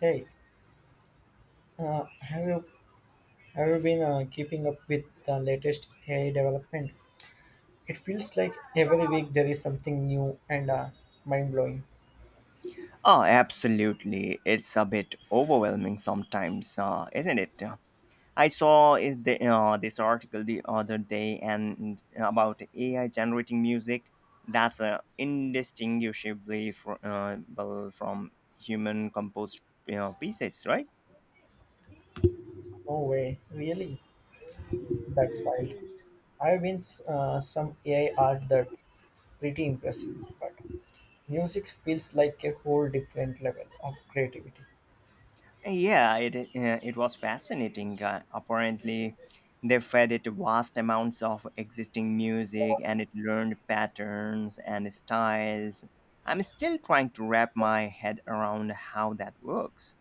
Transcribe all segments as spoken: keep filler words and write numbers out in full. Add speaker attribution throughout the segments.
Speaker 1: Hey, uh, have you have you been uh, keeping up with the latest A I development? It feels like every week there is something new and uh, mind blowing.
Speaker 2: Oh, absolutely. It's a bit overwhelming sometimes, uh, isn't it? Uh, I saw is the, uh, this article the other day and uh, about A I generating music that's uh, indistinguishable fr- uh, well, from human composed you know, pieces, right?
Speaker 1: No way, really? That's wild. I've been s- uh, some A I art that pretty impressive, but music feels like a whole different level of creativity.
Speaker 2: Yeah, it uh, it was fascinating. Uh, apparently, they fed it vast amounts of existing music, and it learned patterns and styles. I'm still trying to wrap my head around how that works.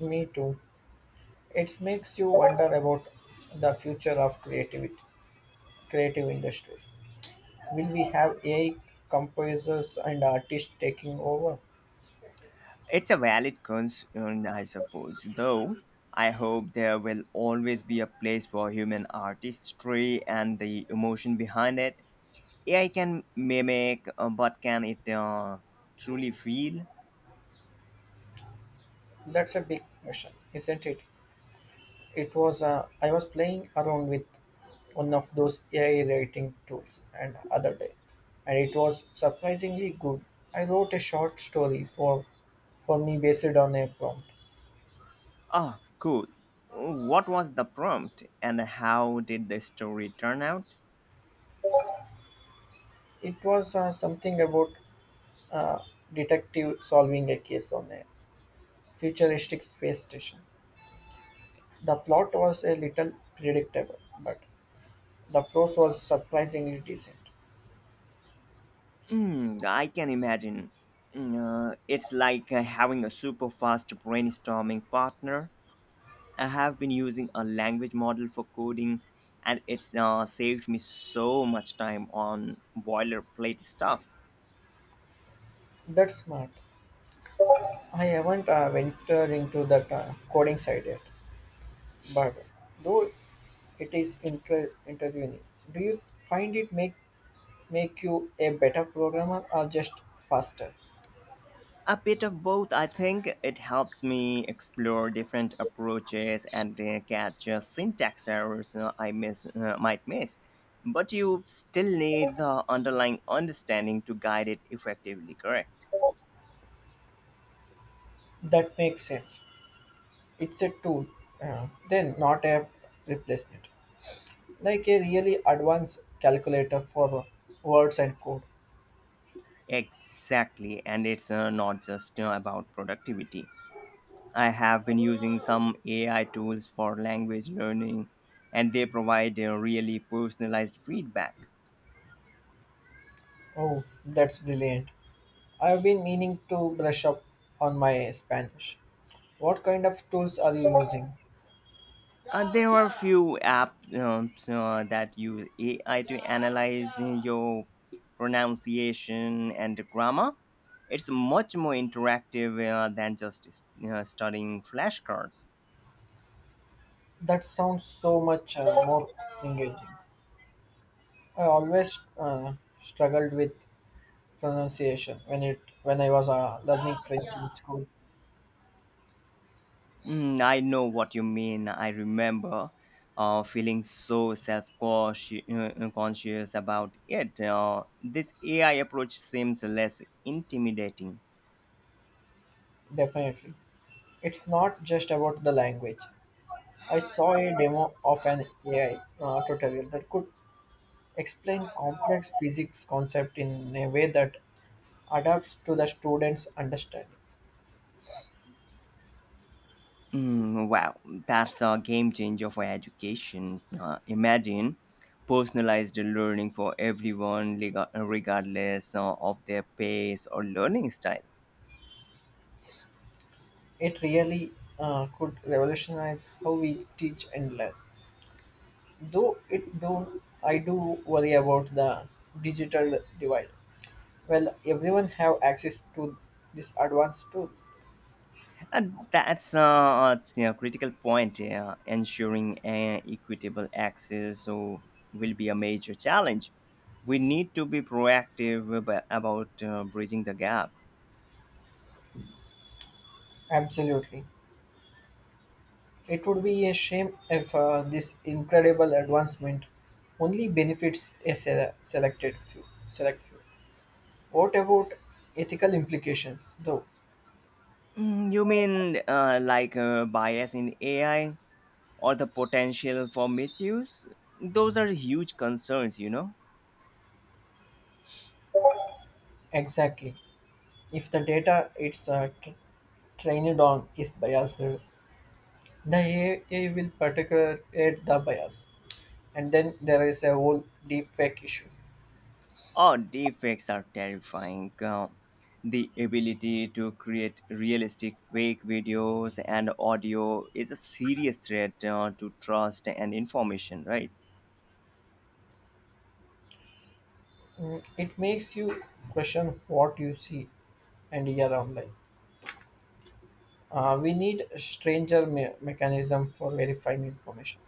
Speaker 1: Me too. It makes you wonder about the future of creativity, creative industries. Will we have A I composers and artists taking over?
Speaker 2: It's a valid concern, I suppose. Though I hope there will always be a place for human artistry and the emotion behind it. A I can mimic, uh, but can it uh, truly feel?
Speaker 1: That's a big question, isn't it? It was uh, I was playing around with one of those A I writing tools and other day, and it was surprisingly good. I wrote a short story for for me based on a prompt.
Speaker 2: Ah, cool. What was the prompt and how did the story turn out?
Speaker 1: It was uh, something about uh, detective solving a case on a futuristic space station. The plot was a little predictable, but the prose was surprisingly decent.
Speaker 2: Hmm, I can imagine. Hmm, Uh, it's like uh, having a super fast brainstorming partner. I have been using a language model for coding, and it's uh, saved me so much time on boilerplate stuff.
Speaker 1: That's smart. I haven't uh, ventured into that uh, coding side yet, but though it is inter- interviewing, do you find it make make you a better programmer or just faster?
Speaker 2: A bit of both, I think. It helps me explore different approaches and uh, catch uh, syntax errors uh, I miss uh, might miss. But you still need the underlying understanding to guide it effectively, correct?
Speaker 1: That makes sense. It's a tool, uh, then not a replacement, like a really advanced calculator for words and code.
Speaker 2: Exactly, and it's uh, not just uh, about productivity. I have been using some A I tools for language learning, and they provide uh, really personalized feedback.
Speaker 1: Oh, that's brilliant! I've been meaning to brush up on my Spanish. What kind of tools are you using?
Speaker 2: Uh, there are a few apps um, so, uh, that use A I to analyze your pronunciation and grammar. It's much more interactive uh, than just uh, studying flashcards.
Speaker 1: That sounds so much uh, more engaging. I always uh, struggled with pronunciation when it when I was uh, learning French in school.
Speaker 2: Mm, I know what you mean. I remember uh, feeling so self conscious about it. Uh, this A I approach seems less intimidating.
Speaker 1: Definitely, it's not just about the language. I saw a demo of an A I uh, tutorial that could explain complex physics concept in a way that adapts to the students' understanding.
Speaker 2: Mm, wow, that's a game changer for education. Uh, imagine personalized learning for everyone, rega- regardless uh, of their pace or learning style.
Speaker 1: It really uh, could revolutionize how we teach and learn. Though it do, I do worry about the digital divide. Well, everyone have access to this advanced tool.
Speaker 2: And that's uh, a you know, critical point. Yeah. Ensuring uh, equitable access so will be a major challenge. We need to be proactive about, about uh, bridging the gap.
Speaker 1: Absolutely, it would be a shame if uh, this incredible advancement only benefits a sele- selected few. Select few. What about ethical implications, though?
Speaker 2: Mm, you mean uh, like uh, bias in A I? Or the potential for misuse. Those are huge concerns, you know.
Speaker 1: Exactly. If the data it's uh, tr- trained on is biased, the A I will particularly aid the bias, and then there is a whole deep fake issue.
Speaker 2: Oh, deepfakes are terrifying. Uh, the ability to create realistic fake videos and audio is a serious threat uh, to trust and information, right?
Speaker 1: Mm, it makes you question what you see and hear online, uh, we need a stranger me- mechanism for verifying information.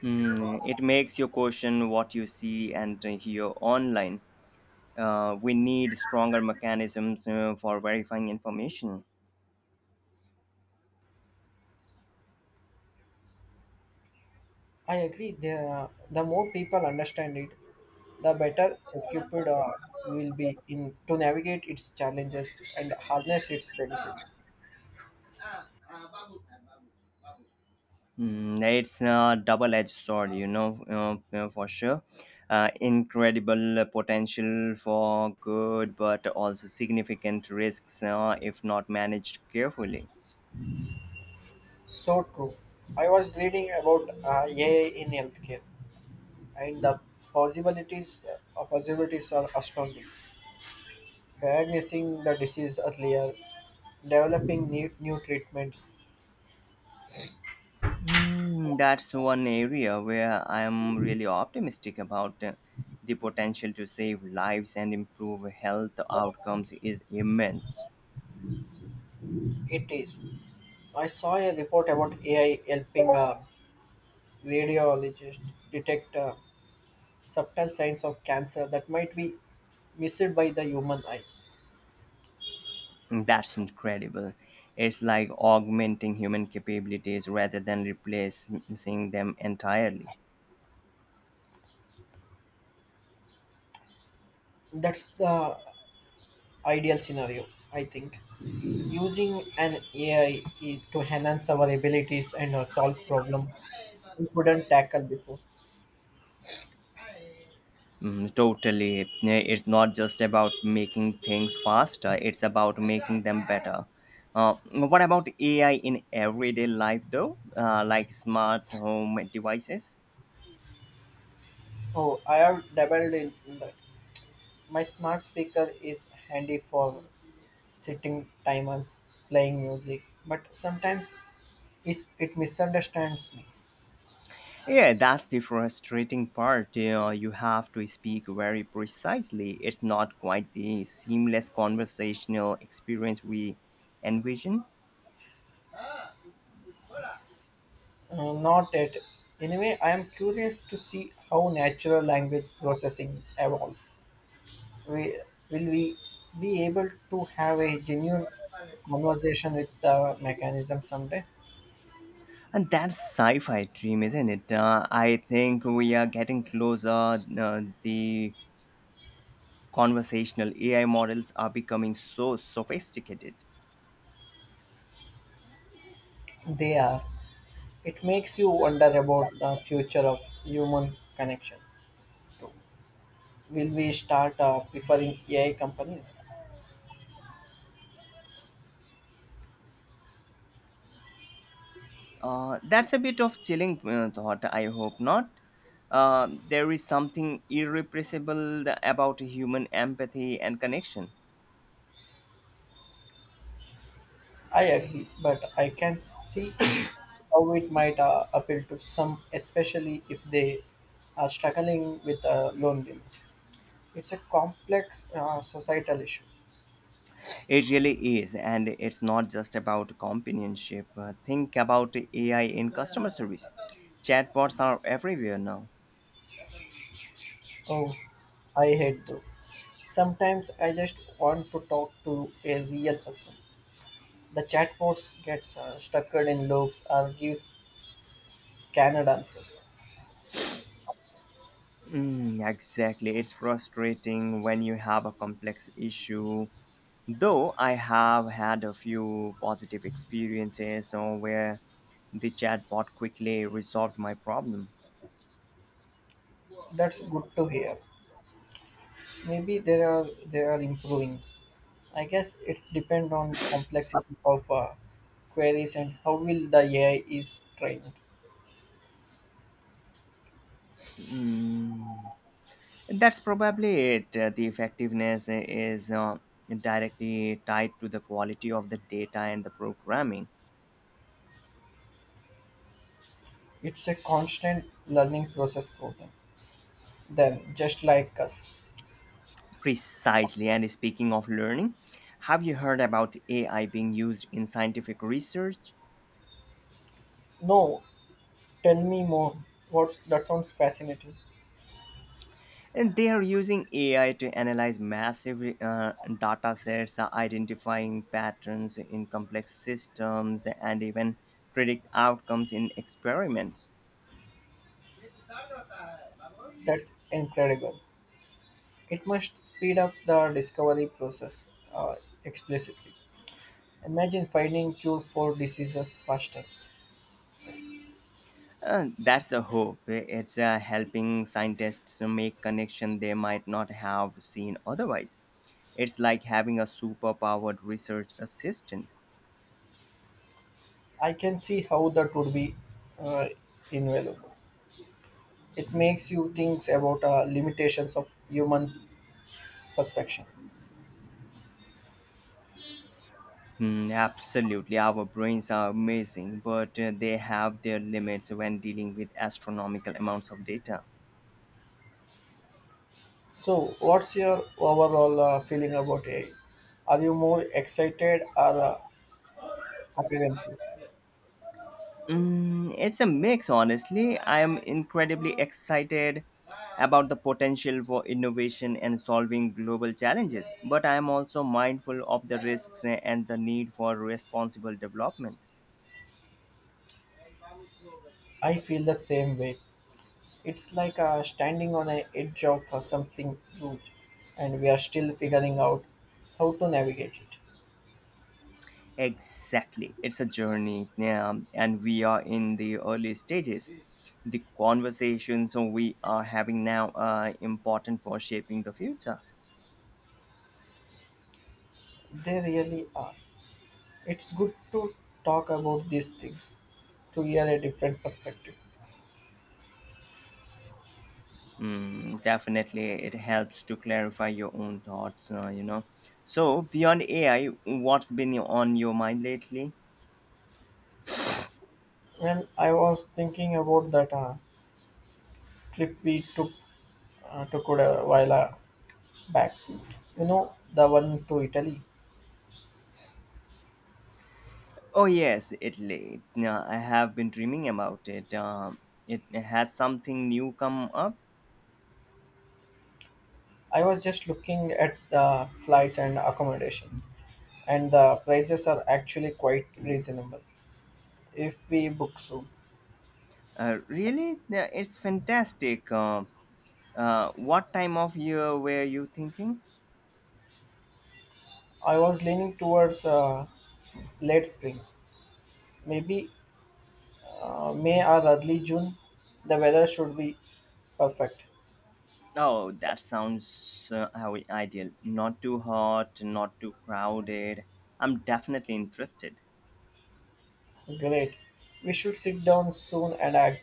Speaker 2: Hmm, it makes you question what you see and uh, hear online. Uh, we need stronger mechanisms uh, for verifying information.
Speaker 1: I agree, the, the more people understand it, the better equipped uh, we will be in to navigate its challenges and harness its benefits.
Speaker 2: Mm, it's a double-edged sword, you know, uh, uh, for sure. Uh, incredible potential for good, but also significant risks uh, if not managed carefully.
Speaker 1: So true. I was reading about uh, AI in healthcare and the possibilities uh, possibilities are astounding, diagnosing the disease earlier, developing new, new treatments.
Speaker 2: Mm, that's one area where I'm really optimistic about uh, the potential to save lives and improve health outcomes is immense.
Speaker 1: It is. I saw a report about A I helping a radiologist detect uh, subtle signs of cancer that might be missed by the human eye.
Speaker 2: Mm, that's incredible. It's like augmenting human capabilities rather than replacing them entirely.
Speaker 1: That's the ideal scenario, I think. Using an A I to enhance our abilities and uh, solve problems we couldn't tackle before.
Speaker 2: Mm, totally. Yeah, it's not just about making things faster, it's about making them better. Uh, what about A I in everyday life, though? Uh, like smart home devices?
Speaker 1: Oh, I have dabbled in that. My smart speaker is handy for sitting timers, playing music, but sometimes is it misunderstands me.
Speaker 2: Yeah, that's the frustrating part. You know, you have to speak very precisely. It's not quite the seamless conversational experience we envision.
Speaker 1: Uh, not it. Anyway, I am curious to see how natural language processing evolves. We, will we be able to have a genuine conversation with the mechanism someday?
Speaker 2: And that's sci fi dream, isn't it? Uh, I think we are getting closer. Uh, the conversational A I models are becoming so sophisticated.
Speaker 1: They are. It makes you wonder about the future of human connection. Will we start uh, preferring A I companies?
Speaker 2: Uh, that's a bit of chilling uh, thought. I hope not. Uh, there is something irrepressible about human empathy and connection.
Speaker 1: I agree, but I can see how it might uh, appeal to some, especially if they are struggling with uh, loneliness. It's a complex uh, societal issue.
Speaker 2: It really is, and it's not just about companionship. Uh, think about A I in customer service. Chatbots are everywhere now.
Speaker 1: Oh, I hate those. Sometimes I just want to talk to a real person. The chatbots gets uh, stuck in loops or gives canned answers.
Speaker 2: Mm, exactly. It's frustrating when you have a complex issue. Though I have had a few positive experiences uh, where the chatbot quickly resolved my problem.
Speaker 1: That's good to hear. Maybe they are they are improving. I guess it's depend on complexity of uh, queries and how will the A I is trained.
Speaker 2: Mm, that's probably it. Uh, the effectiveness is uh, directly tied to the quality of the data and the programming.
Speaker 1: It's a constant learning process for them. Then just like us.
Speaker 2: Precisely. And speaking of learning, have you heard about A I being used in scientific research?
Speaker 1: No, tell me more. What's that sounds fascinating.
Speaker 2: And they are using A I to analyze massive uh, data sets, uh, identifying patterns in complex systems, and even predict outcomes in experiments.
Speaker 1: That's incredible. It must speed up the discovery process uh, explicitly. Imagine finding cures for diseases faster.
Speaker 2: Uh, that's the hope. It's uh, helping scientists to make connections they might not have seen otherwise. It's like having a superpowered research assistant.
Speaker 1: I can see how that would be uh, invaluable. It makes you think about uh, limitations of human perception.
Speaker 2: Hmm, absolutely, our brains are amazing, but uh, they have their limits when dealing with astronomical amounts of data.
Speaker 1: So, what's your overall uh, feeling about A I? Are you more excited or uh, apprehensive?
Speaker 2: Mm, it's a mix, honestly. I am incredibly excited about the potential for innovation and solving global challenges, but I am also mindful of the risks and the need for responsible development.
Speaker 1: I feel the same way. It's like uh, standing on the edge of uh, something huge, and we are still figuring out how to navigate it.
Speaker 2: Exactly. It's a journey, yeah, and we are in the early stages. The conversations we are having now are important for shaping the future.
Speaker 1: They really are. It's good to talk about these things to hear a different perspective.
Speaker 2: Mm, definitely, it helps to clarify your own thoughts, uh, you know. So, beyond A I, what's been on your mind lately?
Speaker 1: When I was thinking about that uh, trip we took uh, took it a while uh, back. You know, the one to Italy.
Speaker 2: Oh, yes, Italy. Now, I have been dreaming about it. Um, it has something new come up.
Speaker 1: I was just looking at the flights and accommodation, and the prices are actually quite reasonable if we book soon.
Speaker 2: Uh, really? Yeah, it's fantastic. Uh, uh, what time of year were you thinking?
Speaker 1: I was leaning towards uh, late spring, maybe uh, May or early June. The weather should be perfect.
Speaker 2: Oh, that sounds uh, how ideal. Not too hot, not too crowded. I'm definitely interested.
Speaker 1: Great. We should sit down soon and act,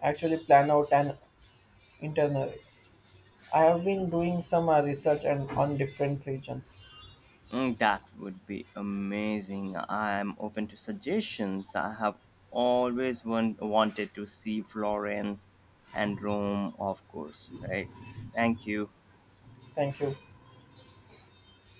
Speaker 1: actually plan out an itinerary. I have been doing some uh, research and on different regions.
Speaker 2: Mm, that would be amazing. I'm open to suggestions. I have always want, wanted to see Florence and Rome, of course, right? Thank you.
Speaker 1: Thank you.